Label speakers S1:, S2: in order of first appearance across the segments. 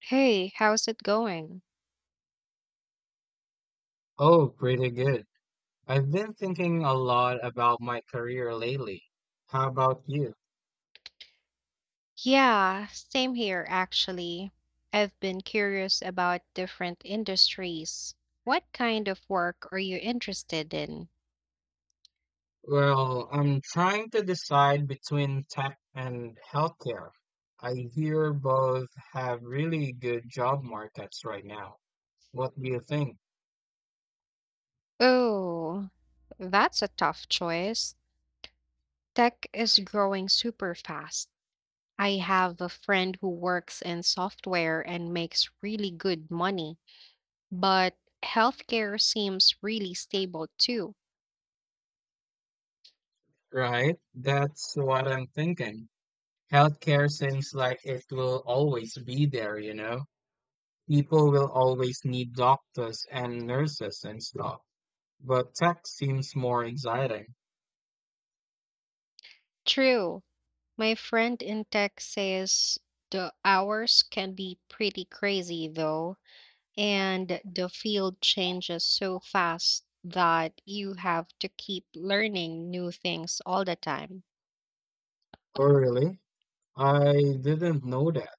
S1: Hey, how's it going?
S2: Oh, pretty good. I've been thinking a lot about my career lately. How about you?
S1: Yeah, same here actually. I've been curious about different industries. What kind of work are you interested in?
S2: Well, I'm trying to decide between tech and healthcare. I hear both have really good job markets right now. What do you think?
S1: Oh, that's a tough choice. Tech is growing super fast. I have a friend who works in software and makes really good money, but healthcare seems really stable too.
S2: Right? That's what I'm thinking. Healthcare seems like it will always be there, you know? People will always need doctors and nurses and stuff. But tech seems more exciting.
S1: True. My friend in tech says the hours can be pretty crazy though, and the field changes so fast that you have to keep learning new things all the time.
S2: Oh, really? I didn't know that.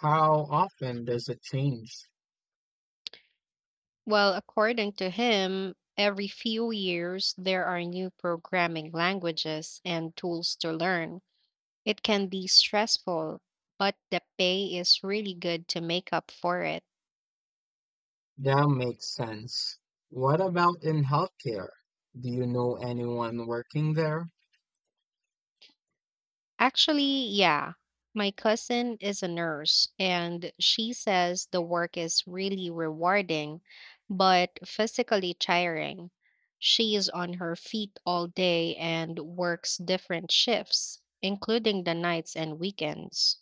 S2: How often does it change?
S1: Well, according to him, every few years there are new programming languages and tools to learn. It can be stressful, but the pay is really good to make up for it.
S2: That makes sense. What about in healthcare? Do you know anyone working there?
S1: Actually, yeah. My cousin is a nurse, and she says the work is really rewarding, but physically tiring. She is on her feet all day and works different shifts, including the nights and weekends.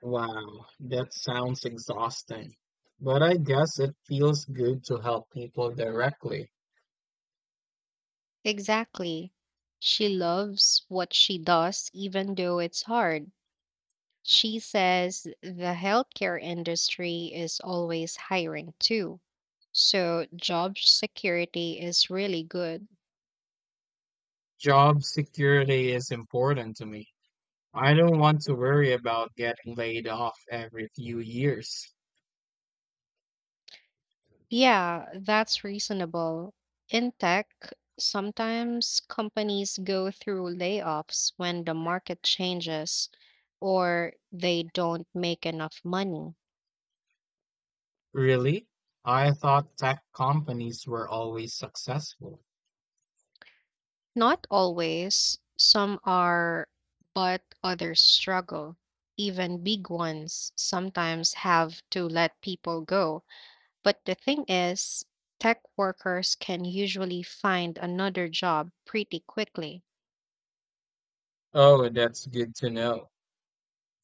S2: Wow, that sounds exhausting. But I guess it feels good to help people directly.
S1: Exactly. She loves what she does, even though it's hard. She says the healthcare industry is always hiring too. So job security is really good.
S2: Job security is important to me. I don't want to worry about getting laid off every few years.
S1: Yeah, that's reasonable. In tech, sometimes companies go through layoffs when the market changes or they don't make enough money.
S2: Really? I thought tech companies were always successful.
S1: Not always. Some are, but others struggle. Even big ones sometimes have to let people go. But the thing is, tech workers can usually find another job pretty quickly.
S2: Oh, that's good to know.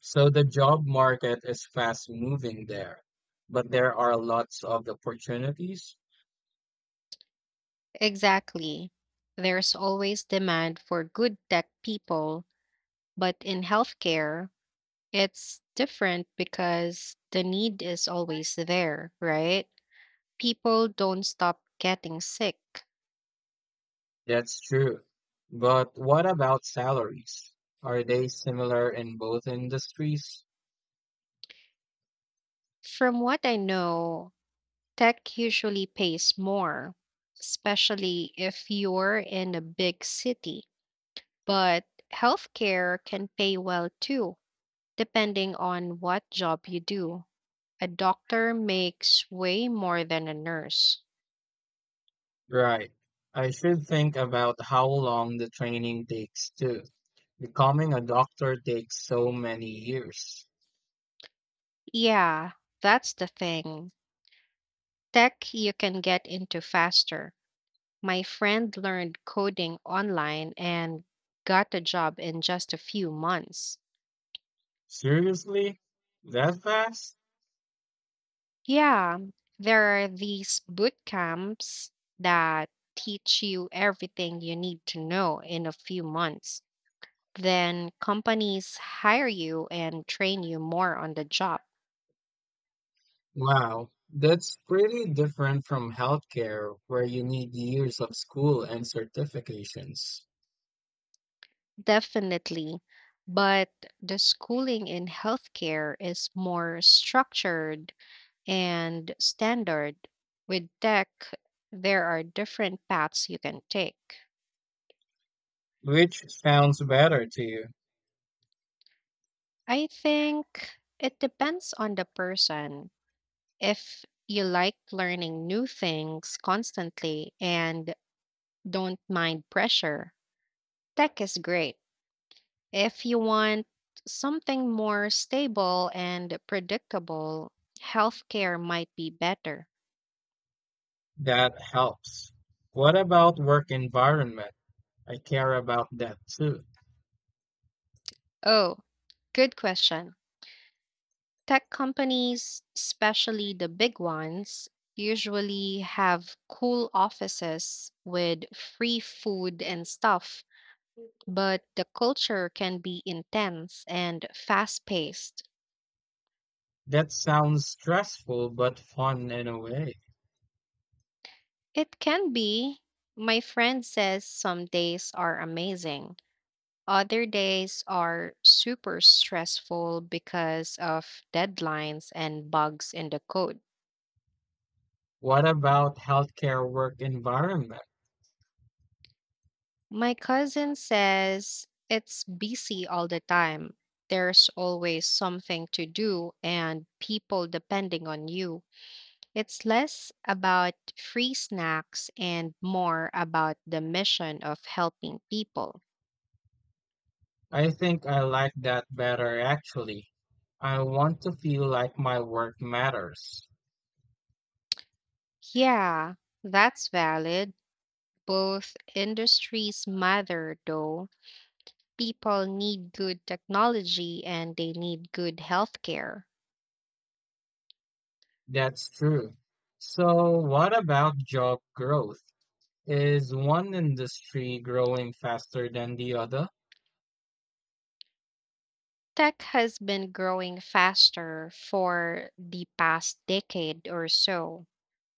S2: So the job market is fast moving there, but there are lots of opportunities.
S1: Exactly. There's always demand for good tech people, but in healthcare, it's different because the need is always there, right? People don't stop getting sick.
S2: That's true. But what about salaries? Are they similar in both industries?
S1: From what I know, tech usually pays more, especially if you're in a big city. But healthcare can pay well too, depending on what job you do. A doctor makes way more than a nurse.
S2: Right. I should think about how long the training takes too. Becoming a doctor takes so many years.
S1: Yeah, that's the thing. Tech you can get into faster. My friend learned coding online and got a job in just a few months.
S2: Seriously? That fast?
S1: Yeah, there are these boot camps that teach you everything you need to know in a few months. Then companies hire you and train you more on the job.
S2: Wow, that's pretty different from healthcare, where you need years of school and certifications.
S1: Definitely. But the schooling in healthcare is more structured and standard. With tech, there are different paths you can take.
S2: Which sounds better to you?
S1: I think it depends on the person. If you like learning new things constantly and don't mind pressure, tech is great. If you want something more stable and predictable, healthcare might be better.
S2: That helps. What about work environment? I care about that too.
S1: Oh, good question. Tech companies, especially the big ones, usually have cool offices with free food and stuff, but the culture can be intense and fast paced.
S2: That sounds stressful but fun in a way.
S1: It can be. My friend says some days are amazing, other days are super stressful because of deadlines and bugs in the code.
S2: What about healthcare work environment?
S1: My cousin says it's busy all the time. There's always something to do and people depending on you. It's less about free snacks and more about the mission of helping people.
S2: I think I like that better actually. I want to feel like my work matters.
S1: Yeah, that's valid. Both industries matter, though. People need good technology and they need good healthcare.
S2: That's true. So, what about job growth? Is one industry growing faster than the other?
S1: Tech has been growing faster for the past decade or so.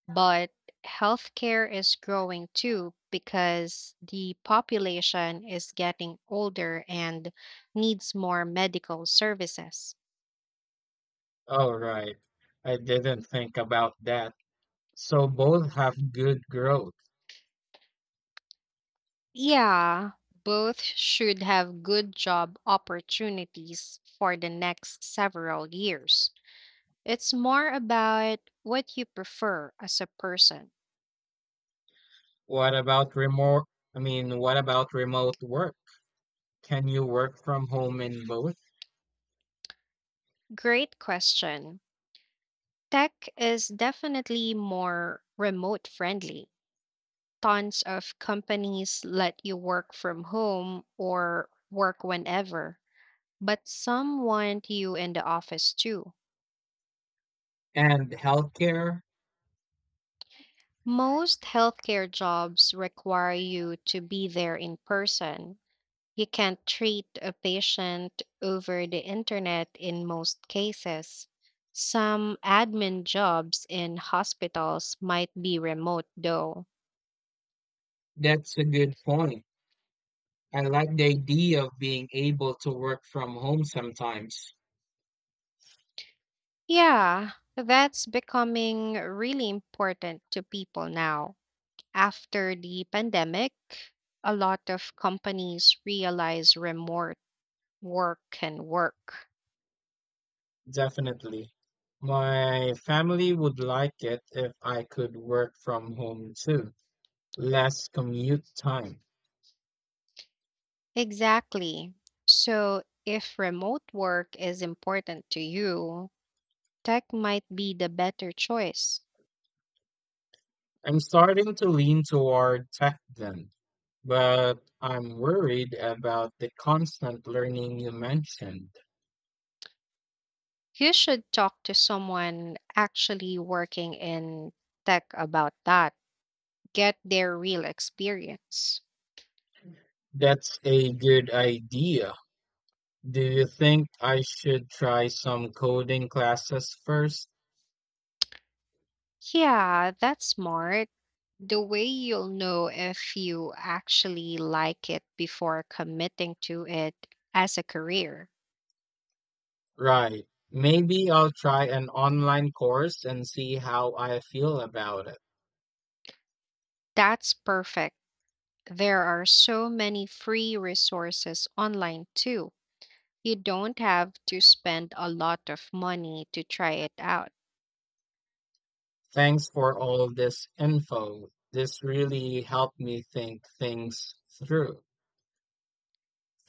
S1: But healthcare is growing too because the population is getting older and needs more medical services.
S2: Oh, right. I didn't think about that. So, both have good growth.
S1: Yeah, both should have good job opportunities for the next several years. It's more about what you prefer as a person.
S2: What about remote? What about remote work? Can you work from home in both?
S1: Great question. Tech is definitely more remote friendly, tons of companies let you work from home or work whenever, but some want you in the office too.
S2: And healthcare?
S1: Most healthcare jobs require you to be there in person. You can't treat a patient over the internet in most cases. Some admin jobs in hospitals might be remote though.
S2: That's a good point. I like the idea of being able to work from home sometimes.
S1: Yeah, that's becoming really important to people now. After the pandemic, a lot of companies realize remote work can work.
S2: Definitely. My family would like it if I could work from home too. Less commute time.
S1: Exactly. So, if remote work is important to you, tech might be the better choice.
S2: I'm starting to lean toward tech then, but I'm worried about the constant learning you mentioned.
S1: You should talk to someone actually working in tech about that, get their real experience.
S2: That's a good idea. Do you think I should try some coding classes first?
S1: Yeah, that's smart. The way you'll know if you actually like it before committing to it as a career.
S2: Right. Maybe I'll try an online course and see how I feel about it.
S1: That's perfect. There are so many free resources online too. You don't have to spend a lot of money to try it out.
S2: Thanks for all of this info. This really helped me think things through,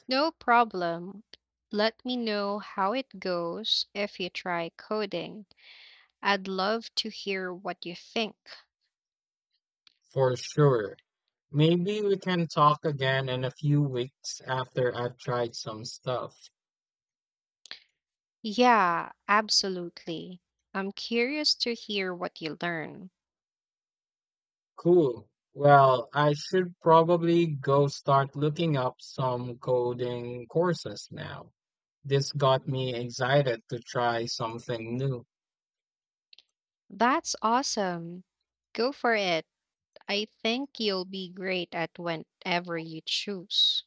S1: No problem. Let me know how it goes if you try coding. I'd love to hear what you think.
S2: for sure. Maybe we can talk again in a few weeks after I've tried some stuff.
S1: Yeah, absolutely. I'm curious to hear what you learn.
S2: Cool. Well, I should probably go start looking up some coding courses now. This got me excited to try something new.
S1: That's awesome. Go for it. I think you'll be great at whenever you choose.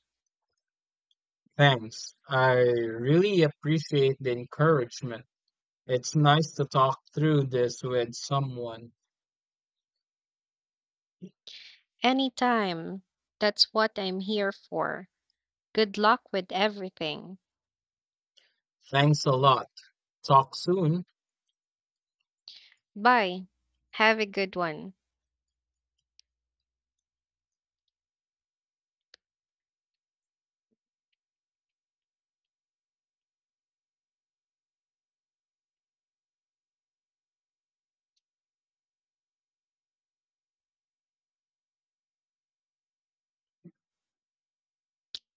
S2: Thanks. I really appreciate the encouragement. It's nice to talk through this with someone.
S1: Anytime. That's what I'm here for. Good luck with everything.
S2: Thanks a lot. Talk soon.
S1: Bye. Have a good one.